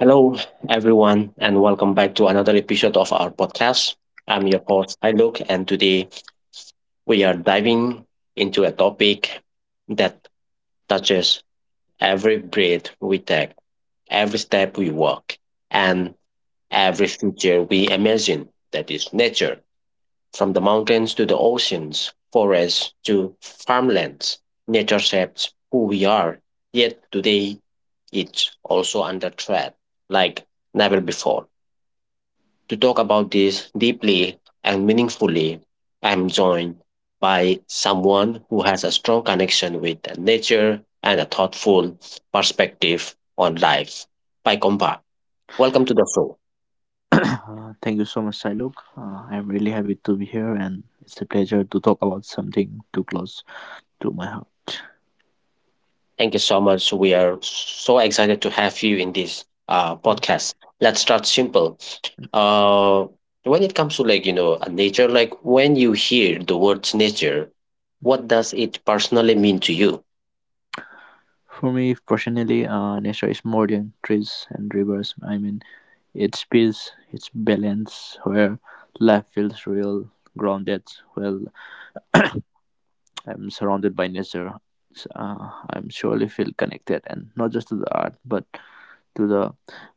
Hello, everyone, and welcome back to another episode of our podcast. I'm your host, Iluk, and today we are diving into a topic that touches every breath we take, every step we walk, and every future we imagine, that is nature. From the mountains to the oceans, forests to farmlands, nature shapes who we are. Yet today, it's also under threat like never before. To talk about this deeply and meaningfully, I am joined by someone who has a strong connection with nature and a thoughtful perspective on life. Pai Kompa, welcome to the show. Thank you so much, Silok. I'm really happy to be here, and it's a pleasure to talk about something too close to my heart. Thank you so much. We are so excited to have you in this Yes. podcast. Let's start simple. Uh, when it comes to like nature, like when you hear the words nature, what does it personally mean to you? For me personally, nature is more than trees and rivers. I mean, it's peace, it's balance, where life feels real, grounded. Well, I'm surrounded by nature. I'm surely feel connected, and not just to the earth, but to the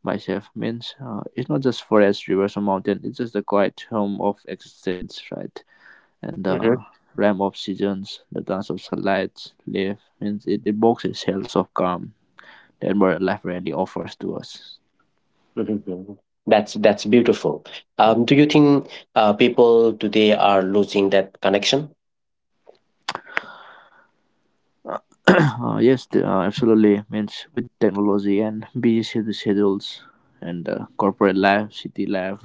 myself means it's not just forest, rivers, or mountain. It's just the quiet home of existence, right? And the realm of seasons, the dance of sunlight, leaf means it evokes a sense of calm that where life rarely offers to us. Mhm. That's beautiful. Do you think people today are losing that connection? Yes, absolutely. Means with technology and busy schedules and corporate life, city life,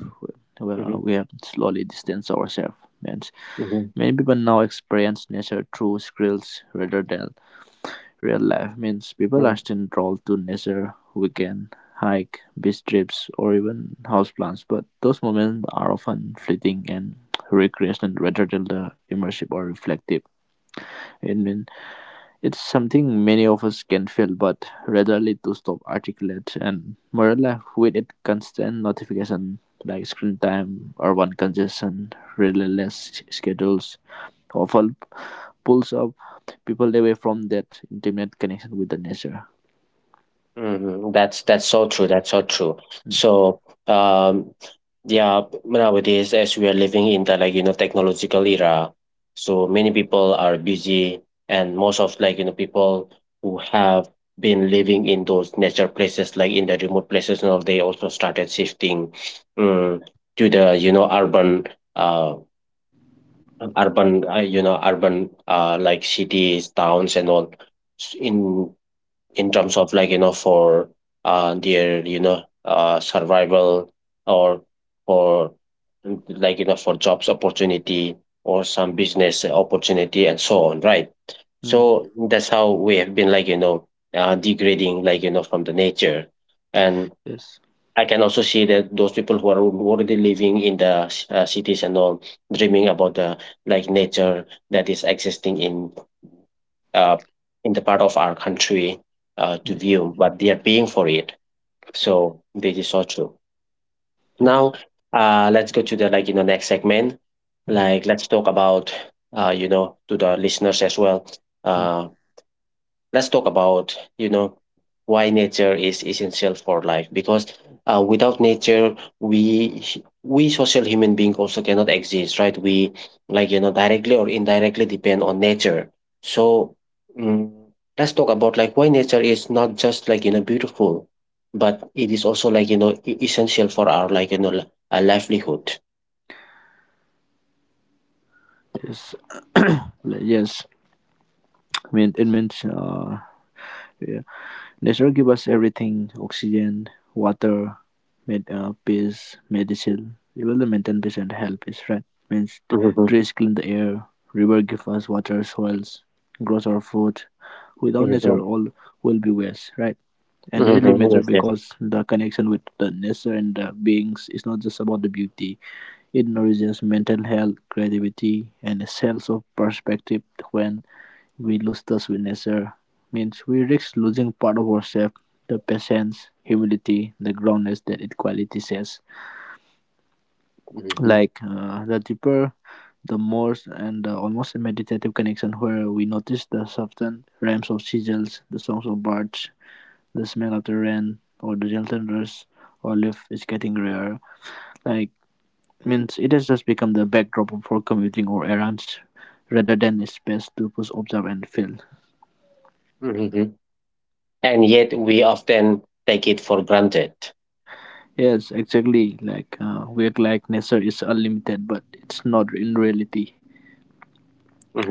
Hmm. We have slowly distanced ourselves. Means Hmm. many people now experience nature through screens rather than real life means people are still drawn to nature, weekend hike, beach trips, or even houseplants, but those moments are often fleeting and recreational rather than the immersive or reflective. And then it's something many of us can feel, but rarely to stop articulate. And modern life with its constant notification like screen time, urban congestion, relentless schedules, often pulls up people away from that intimate connection with the nature. Hmm. That's so true. That's so true. So, um, yeah, nowadays as we are living in the like technological era, so many people are busy, and most of like people who have been living in those nature places, like in the remote places, and all, they also started shifting, um, to the urban, uh, urban, like cities, towns, and all. S- In in terms of like for their survival, or for like for jobs opportunity, or some business opportunity and so on, right? Mm, So that's how we have been like degrading like from the nature. And yes. I can also see that those people who are already living in the cities and all dreaming about the like nature that is existing in uh, in the part of our country, to Mm, view, but they are paying for it. So this is so true. yes. Now, let's go to the like next segment. Mm, Like let's talk about to the listeners as well. mm, Uh, let's talk about why nature is essential for life, because without nature we we social human being also cannot exist, right? We like directly or indirectly depend on nature. So, mm let's talk about like why nature is not just like beautiful, but it is also like essential for our like livelihood. yes. Like, yes. I mean, it means yeah. Nature give us everything: oxygen, water, peace, medicine, even the maintain peace and help is, right? Means Hmm. trees clean the air, river give us water, soils grows our food. Without nature, Hmm. all will be waste. Right? And really Hmm. matter Yes, yes. because the connection with the nature and the beings is not just about the beauty. It nourishes mental health, creativity, and a sense of perspective. When we lose touch with nature, means we risk losing part of ourselves, the patience, humility, the groundness that it quality says. Hmm. Like the deeper, the more, and the almost meditative connection where we notice the softened rhymes of seagulls, the songs of birds, the smell of the rain, or the gentle rush. Olive is getting rare. Like means it has just become the backdrop for commuting or errands rather than a space to push, observe, and feel. Hmm. And yet we often take it for granted. Yes, exactly. Like we act like nature is unlimited, but it's not in reality.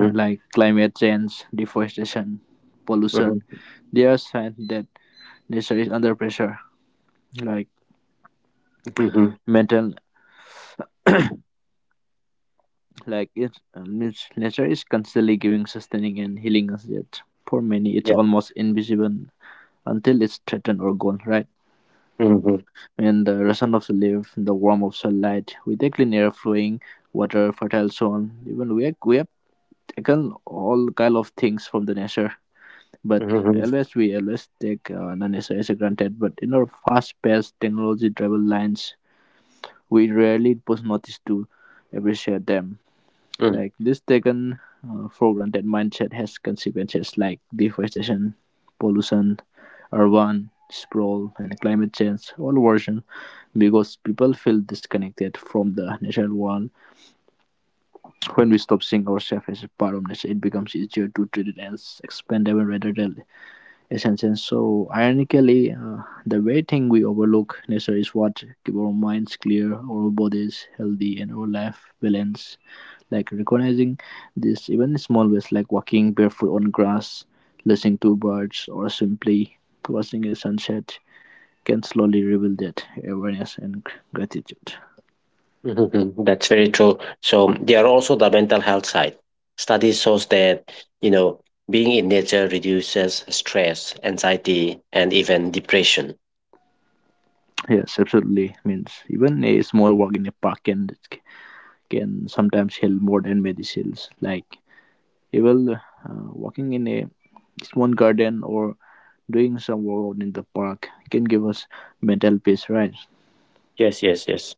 Like climate change, deforestation, pollution, mhm, there are signs that nature is under pressure. Like mhm. mental, like it means nature is constantly giving, sustaining, and healing us. Yet for many, it's Yeah. almost invisible until it's threatened or gone. Right. Mhm, In the rustle of the leaves, the warmth of sunlight, with a clean air flowing, water, fertile soil, even we have taken all kind of things from the nature. But mhm, always we always take the nature as a granted. But in our fast-paced, technology-driven lines, we rarely pause notice to appreciate them. mm, Like this taken for granted mindset has consequences like deforestation, pollution, urban sprawl, and climate change all version, because people feel disconnected from the natural world. When we stop seeing ourselves as a part of nature, it becomes easier to treat it as expendable rather than essential. So, ironically, the very thing we overlook in nature is what keep our minds clear, our bodies healthy, and our life balanced. Like recognizing this, even in small ways, like walking barefoot on grass, listening to birds, or simply watching a sunset, can slowly reveal that awareness and gratitude. mhm. That's very true. So there are also the mental health side. Studies shows that, you know, being in nature reduces stress, anxiety, and even depression. Yes, absolutely. Means even a small walk in a park can sometimes help more than medicines. Like even walking in a just one garden or doing some work in the park can give us mental peace, right? Yes, yes, yes.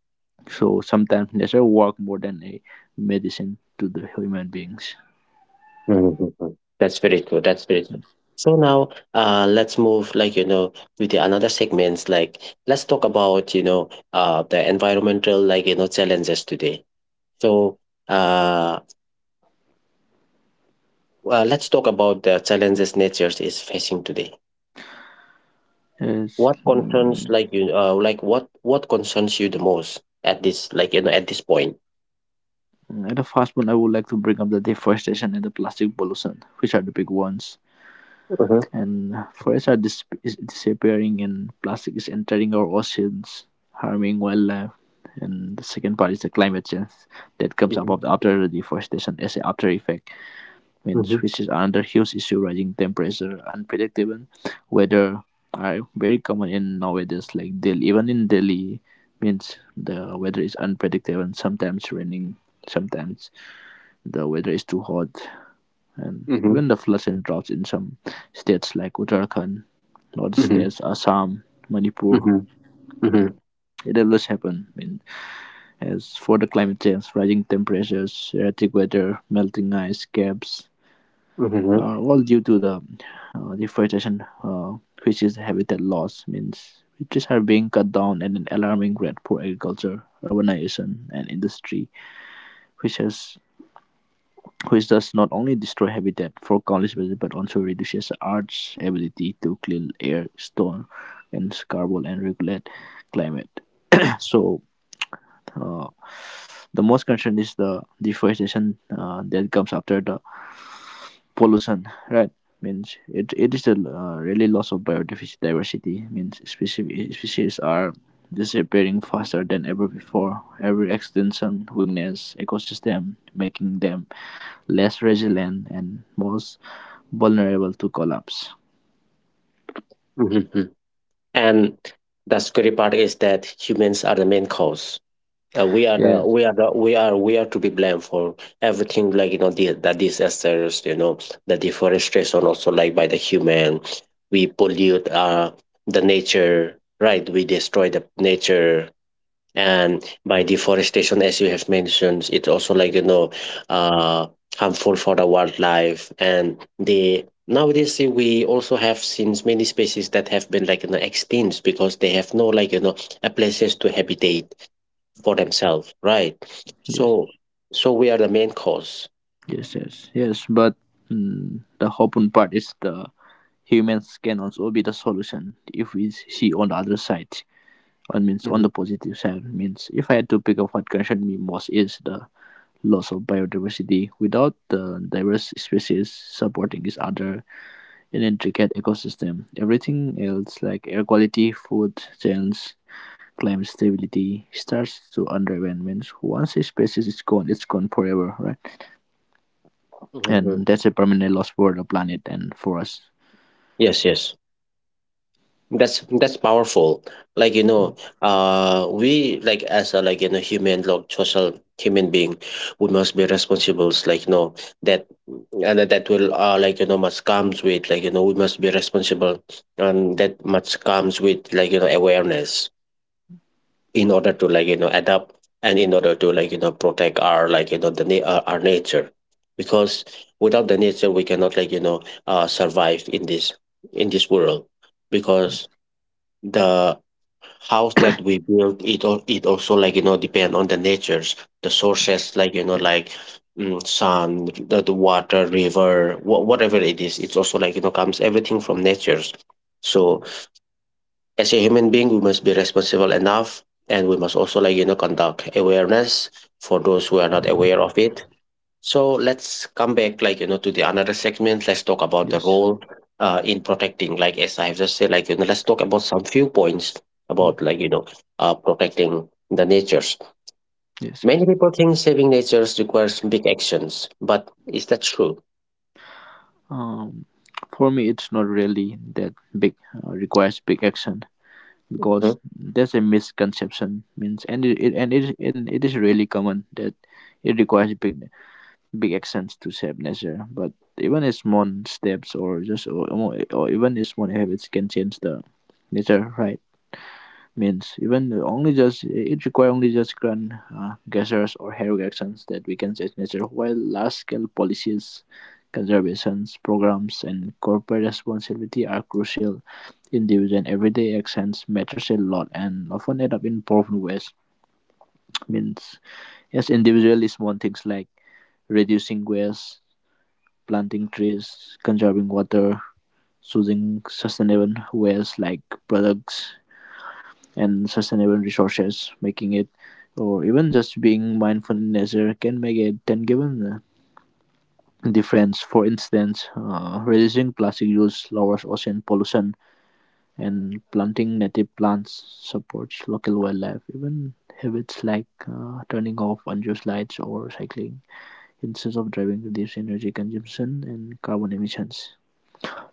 So sometimes nature work more than a medicine to the human beings. Mhm. That's very true. That's very true. So now, let's move like with the another segments. Like let's talk about the environmental like challenges today. So, uh well, let's talk about the challenges nature is facing today. Yes. What concerns like you uh, like what what concerns you the most at this like at this point? At the first one, I would like to bring up the deforestation and the plastic pollution, which are the big ones. Mhm, And forests are is disappearing, and plastic is entering our oceans, harming wildlife. And the second part is the climate change that comes mhm, about after the deforestation as an after effect. Means mhm, which is another huge issue, rising temperature, unpredictable weather are very common in nowadays like Delhi even in Delhi. Means the weather is unpredictable, sometimes raining, sometimes the weather is too hot, and mhm, even the floods and droughts in some states like Uttarakhand, north mhm, states Assam, Manipur, mhm, mhm, it always happen. I mean, as for the climate change, rising temperatures, erratic weather, melting ice caps, mhm, all due to the deforestation, which is habitat loss, means trees are being cut down at an alarming rate for agriculture, urbanization, and industry, which has which does not only destroy habitat for countless species but also reduces Earth's ability to clean air, store, and carbon and regulate climate. So, uh, the most concern is the deforestation that comes after the pollution, right? Means it is a really loss of biodiversity, means species are disappearing faster than ever before. Every extinction weakness ecosystem, making them less resilient and most vulnerable to collapse. mhm, mhm. And the scary part is that humans are the main cause. We are the yes we are the we are to be blamed for everything, like the, disasters, the deforestation also, like by the human, we pollute the nature, right? We destroy the nature. And by deforestation, as you have mentioned, it's also like uh harmful for the wildlife. And the nowadays, we also have seen many species that have been like extinct, because they have no like a places to habitat for themselves, right? yes So, we are the main cause. yes yes yes but the hopeful part is the humans can also be the solution if we see on the other side. On means on the Mhm, positive side, means if I had to pick up what concerns me most is the loss of biodiversity. Without the diverse species supporting each other in intricate ecosystem, everything else like air quality, food chains, climate stability starts to undermine. Means once a species is gone, it's gone forever, right? mhm. And that's a permanent loss for the planet and for us. Yes, yes, that's powerful. Like you know, we like as a like human, like social human being, we must be responsible. Like that, and that will like must comes with like we must be responsible, and that much comes with like awareness. In order to like adapt, and in order to like protect our like our nature, because without the nature we cannot like survive in this world, because the house that we build it also like depend on the natures, the sources like like sun, the water river, whatever it is, it's also like comes everything from natures. So as a human being we must be responsible enough, and we must also like conduct awareness for those who are not aware of it. So let's come back like to the another segment. Let's talk about the Yes. role in protecting, like as I have just said, like let's talk about some few points Mm. about like protecting the natures. Yes. Many people think saving natures requires big actions, but is that true? Um, for me it's not really that big, requires big action, because Mhm. there's a misconception means and it is really common that it requires big actions to shape nature, but even a small steps or or even a small habits can change the nature, right? Means even only just it require only just grand gestures or heroic actions that we can change nature. While large scale policies, conservations programs and corporate responsibility are crucial, individual and everyday actions matters a lot and often end up in powerful ways. Means as individually small things like reducing waste, planting trees, conserving water, choosing sustainable ways like products and sustainable resources, making it, or even just being mindful in nature can make a tangible difference. For instance, reducing plastic use lowers ocean pollution, and planting native plants supports local wildlife. Even habits like turning off unused lights or cycling instead of driving reduce energy consumption and carbon emissions.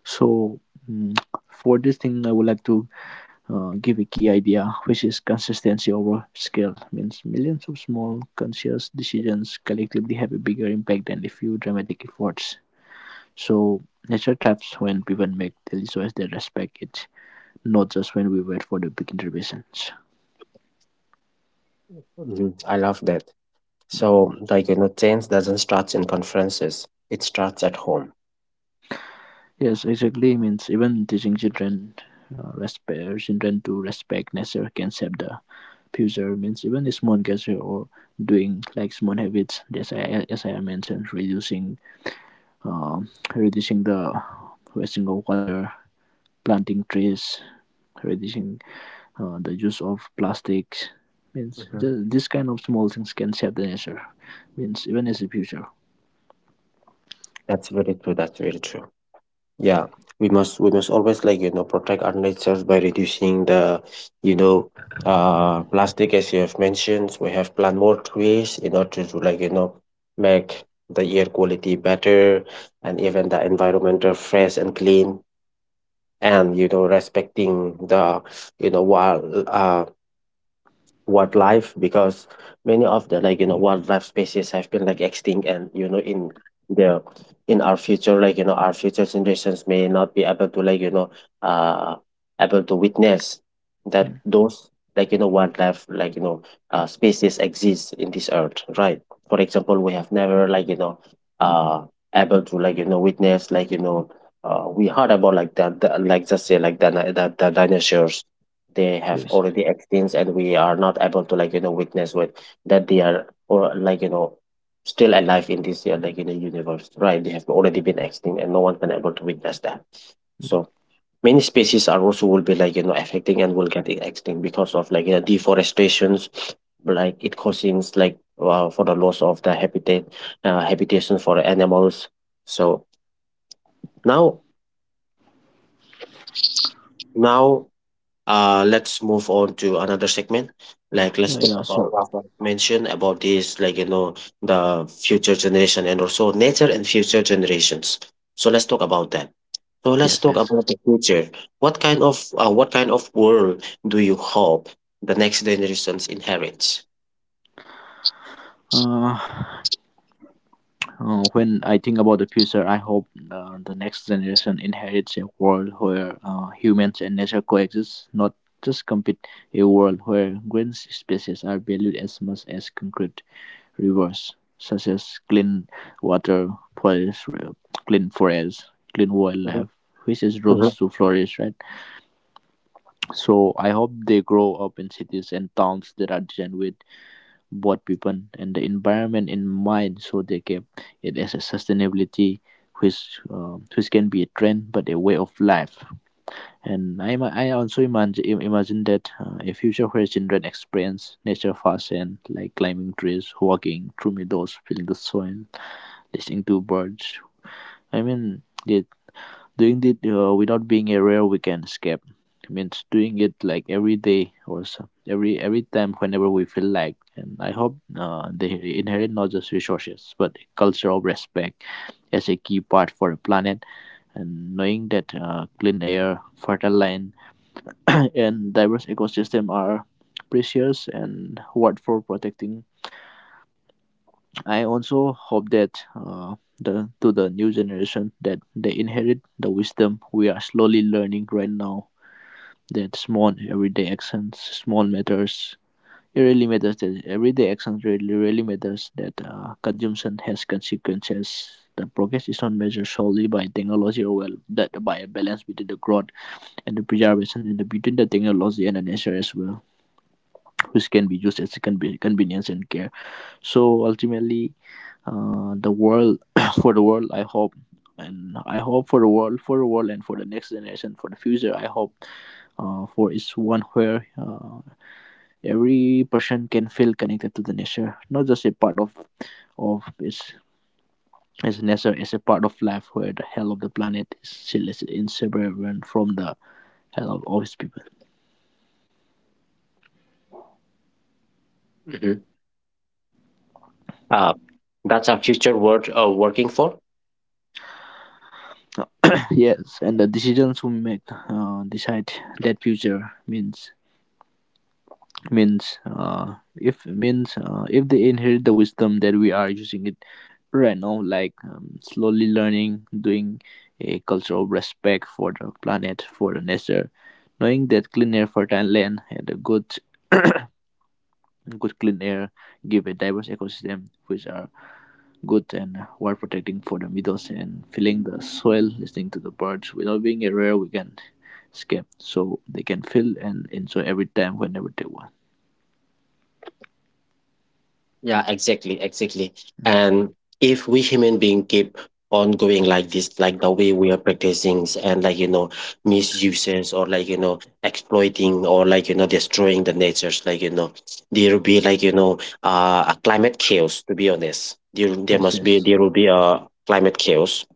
So, mm, for this thing, I would like to give a key idea, which is consistency over scale, means millions of small conscious decisions collectively have a bigger impact than a few dramatic efforts. So nature thrives when people make daily choices that respect it, not just when we wait for the big interventions. Mhm. I love that. So, like change doesn't start in conferences, it starts at home. Yes, exactly. Means even teaching children, respect children to respect nature can shape the future. Means even a small gesture or doing like small habits, as I mentioned, reducing um, reducing the wasting of water, planting trees, reducing the use of plastics. Means Mhm. This kind of small things can save the nature. Means even as the future. That's very true. That's very true. Yeah, we must always like protect our natures by reducing the you know plastic, as you have mentioned. We have plant more trees in order to like make the air quality better, and even the environmental fresh and clean, and respecting the you know wild uh wildlife, because many of the like wildlife species have been like extinct, and in the in our future, like our future generations may not be able to like uh able to witness that Mm. those like wildlife, like species exist in this earth, right? For example, we have never like uh able to like witness, like we heard about like that, like just say like the dinosaurs, they have Yes. already experienced and we are not able to like witness with that they are or like still alive in this year, like in the universe, right? They have already been extinct and no one can able to witness that. Mm. So many species are also will be like affecting and will get extinct because of like deforestations, like it causes like for the loss of the habitat, habitation for animals. So, now now let's move on to another segment. Like let's Yeah. talk Yeah. Sure. about what I mentioned about this, like the future generation and also nature and future generations. So let's talk about that. So let's Yes. talk Yes. about the future. What kind of world do you hope the next generations inherits? Uh, when I think about the future, I hope the next generation inherits a world where humans and nature coexist, not just compete. A world where green species are valued as much as concrete, rivers such as Cleanwater Forest, Clean Forest, Clean Mhm, Wildlife, which is rooms mhm, to flourish, right? So I hope they grow up in cities and towns that are designed with both people and the environment in mind, so they keep it as a sustainability, which can be a trend but a way of life. And I also imagine that a future where children experience nature firsthand, like climbing trees, walking through meadows, feeling the soil, listening to birds. I mean, it, Doing it without being a rare weekend escape. It means doing it like every day or so, every time whenever we feel like. And I hope they inherit not just resources but a culture of respect as a key part for the planet. And knowing that clean air, fertile land, and diverse ecosystem are precious and worth for protecting. I also hope that the to the new generation that they inherit the wisdom we are slowly learning right now. That small everyday actions, small matters, it really matters. That everyday actions really matters. That consumption has consequences. The progress is not measured solely by technology or well, that by a balance between the growth and the preservation and the between the technology and the nature as well, which can be used as a convenience and care. So ultimately, the world for the world I hope and I hope for the world and for the next generation for the future I hope for is one where every person can feel connected to the nature, not just a part of its as nature as a part of life, where the hell of the planet is still is inseparable from the hell of all its people. mhm. uh, that's a future world working for. Yes, and the decisions we make decide that future means means if means if they inherit the wisdom that we are using it right now, like slowly learning, doing a culture of respect for the planet, for the nature, knowing that clean air, fertile land, and a good clean air give a diverse ecosystem which are good, and while protecting for the meadows and filling the soil, listening to the birds without being a rare weekend, can escape so they can feel and enjoy every time whenever they want. Yeah, exactly, exactly. And if we human being keep on going like this, like the way we are and like misuses, or like exploiting, or like destroying the natures, like there will be like a climate chaos. To be honest, there there Yes, must be yes. there will be a climate chaos,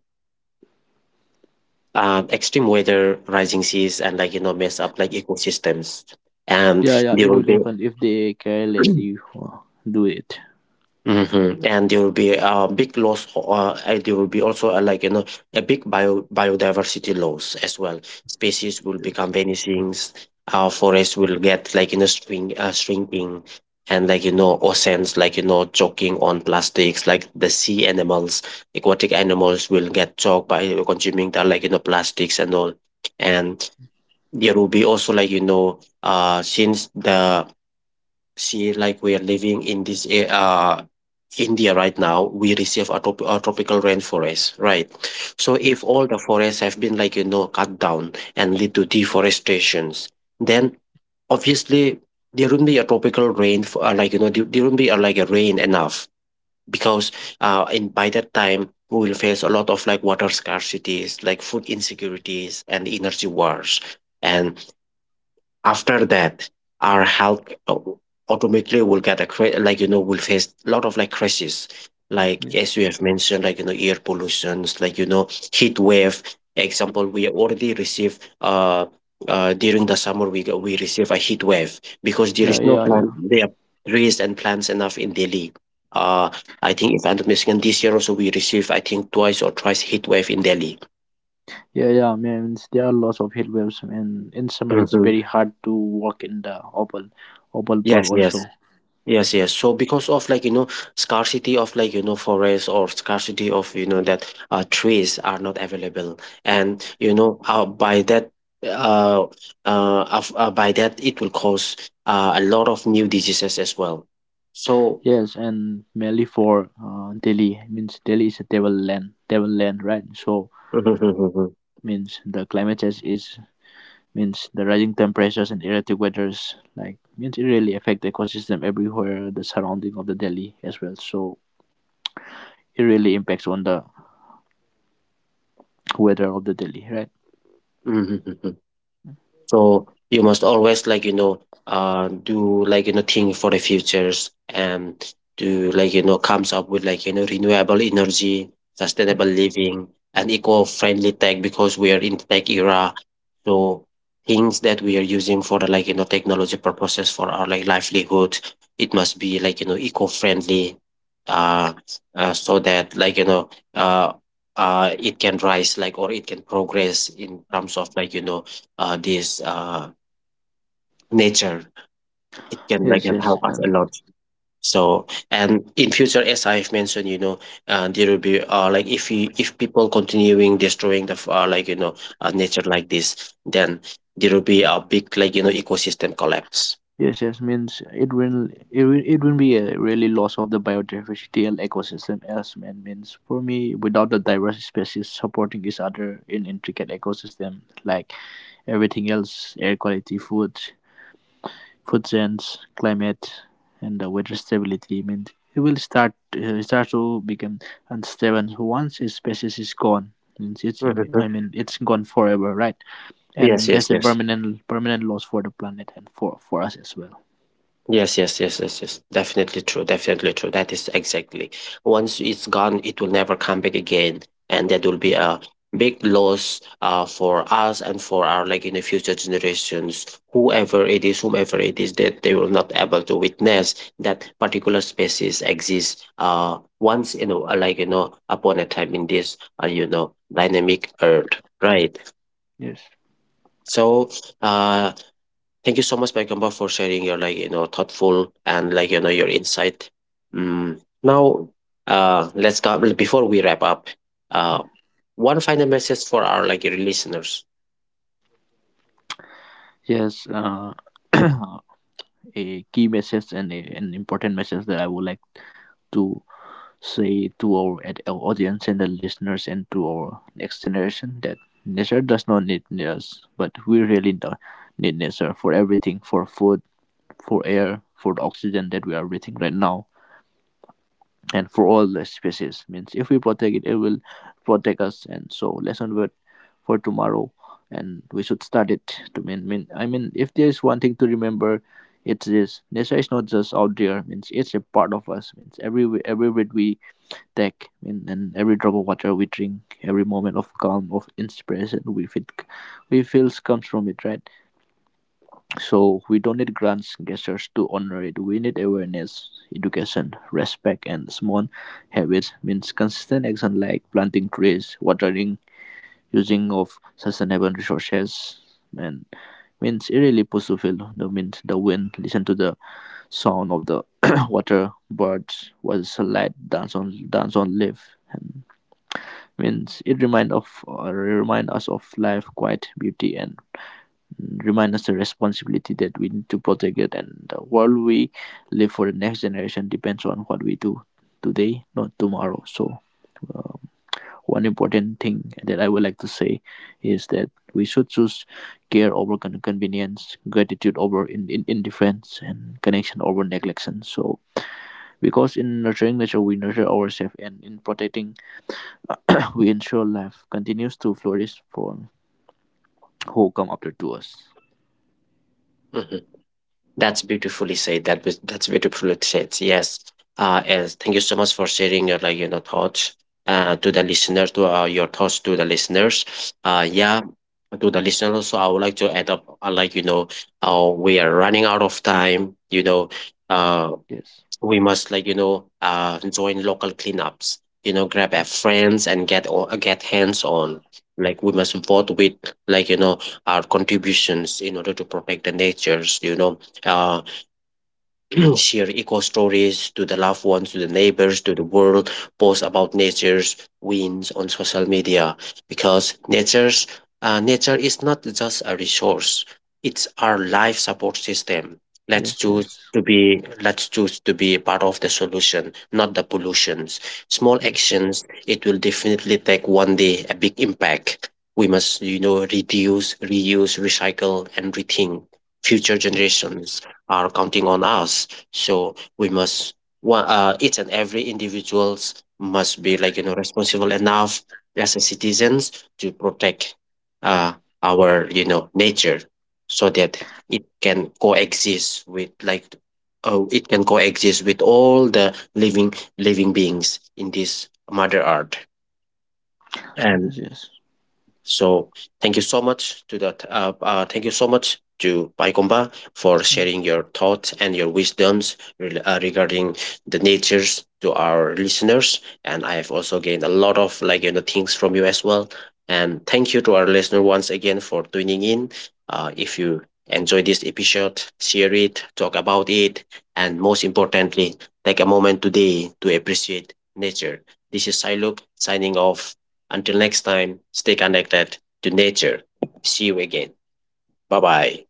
extreme weather, rising seas, and like mess up like ecosystems, and Yeah, there it will will be. happen if they carelessly do it. Hmm. And there will be a big loss, and there will be also a, like a big biodiversity loss as well. Species will Yes, become vanishing. Our forests will get like shrinking, and like oceans like choking on plastics. Like the sea animals, aquatic animals will get choked by consuming the like plastics and all. And there will be also like you know since the See, like we are living in this India right now, we receive a, a tropical rainforest, right? So if yes, all the forests have been like cut down and lead to deforestations, then obviously there wouldn't be a tropical rain for, like there wouldn't be a, like a rain enough because in by that time we will face a lot of like water scarcities, like food insecurities, and energy wars. And after that our health automatically will get a like will face a lot of like crises, like yes. as you have mentioned, like air pollutions, like heat wave example. We already receive during the summer we receive a heat wave because there Yeah, is no yeah, plant yeah, there are trees and plants enough in Delhi. uh I think if I'm not mistaken this year also we received I think twice or thrice heat wave in Delhi. yeah, yeah. Man, there are lots of heat waves, and in summer it's Mhm. very hard to walk in the open, open park Yes, also. yes. Yes, yes. So because of like, scarcity of like, forests, or scarcity of that trees are not available. And, by that, uh, uh, by that, it will cause a lot of new diseases as well. So, Yes, and mainly for Delhi, means Delhi is a devil land, right? So means the climate change is means the rising temperatures and erratic weathers, like means it really affect the ecosystem everywhere, the surrounding of the Delhi as well. So it really impacts on the weather of the Delhi, right? so you must always like do like think for the futures and do like comes up with like renewable energy, sustainable living, and eco-friendly tech because we are in tech era. So things that we are using for the like technology purposes for our like livelihood, it must be like eco-friendly, uh, so that like it can rise, like, or it can progress in terms of like this nature. It can like Yes, and yes, help us a and lot. So and in future, as I've mentioned, there will be like if people continuing destroying the like nature like this, then there will be a big like ecosystem collapse. yes, yes, means it will be a really loss of the biodiversity and ecosystem, as man means for me, without the diverse species supporting each other in intricate ecosystem, like everything else, air quality, food, food sense, climate, and the weather stability means it will start to become unstable once a species is gone. Means it's I Mhm. mean it's gone forever, right? Yes, And yes, that's a yes. permanent loss for the planet and for us as well. Yes, yes, yes, yes, yes. Definitely true. Definitely true. That is exactly. Once it's gone, it will never come back again, and that will be Yes, a big loss for us and for our like in the future generations, whoever it is, whomever it is, that they will not able to witness that particular species exists. Once, you know, upon a time in this, uh, dynamic earth, right? yes, So, uh, thank you so much, Paigamba, for sharing your like thoughtful and like your insight. Now, let's come before we wrap up. Uh, one final message for our like your listeners. yes. A key message and a, an important message that I would like to say to our, our audience and the listeners and to our next generation, that nature does not need us, but we really do need nature for everything, for food, for air, for the oxygen that we are breathing right now, and for all the species. Means if we protect it, it will protect us, and so lesson word for tomorrow. And we should start it to mean, if there is one thing to remember, it's this: nature is not just out there, means it's a part of us, means every breath we take mean, and every drop of water we drink, every moment of calm, of inspiration we feel, we feels comes from it, right? So we don't need grants gestures to honor it. We need awareness, education, respect, and small habits. Means consistent action like planting trees, watering, using of sustainable resources, and means it really puts to feel the means the wind. Listen to the sound of the water, birds, was light dance on leaf, and means it remind us of life, quiet beauty, and remind us the responsibility that we need to protect it, and the world we live for the next generation depends on what we do today, not tomorrow. So um, one important thing that I would like to say is that we should choose care over convenience, gratitude over indifference, and connection over neglection. So because in nurturing nature we nurture ourselves, and in protecting we ensure life continues to flourish for who come after to us. Mhm. That's beautifully said. That's beautifully said. Yes. Yes. Thank you so much for sharing your like thoughts. To the listeners, to your thoughts to the listeners. Yeah, to the listeners. Also, I would like to add up. We are running out of time. Uh Yes, we must like join local cleanups, grab our friends and get hands on, like, we must vote with like our contributions in order to protect the natures. uh Share eco stories to the loved ones, to the neighbors, to the world, post about nature's wins on social media because nature is not just a resource; it's our life support system. Let's yes, choose yes, let's choose to be part of the solution, not the pollutions. Small yes. actions it will definitely take one day a big impact. We must, reduce, reuse, recycle, and rethink. Future Yes, yes, generations are counting on us. So we must one each and every individuals must be like responsible enough as a citizens to protect uh, our nature so that it can coexist with like it can coexist with all the living beings in this mother earth. And yes, so thank you so much to that. Thank you so much to Paikomba for yes. sharing your thoughts and your wisdoms regarding the natures to our listeners. And I have also gained a lot of like things from you as well. And thank you to our listener once again for tuning in. If you enjoy this episode, share it, talk about it, and most importantly, take a moment today to appreciate nature. This is Siluk signing off. Until next time, stay connected to nature. See you again. Bye bye.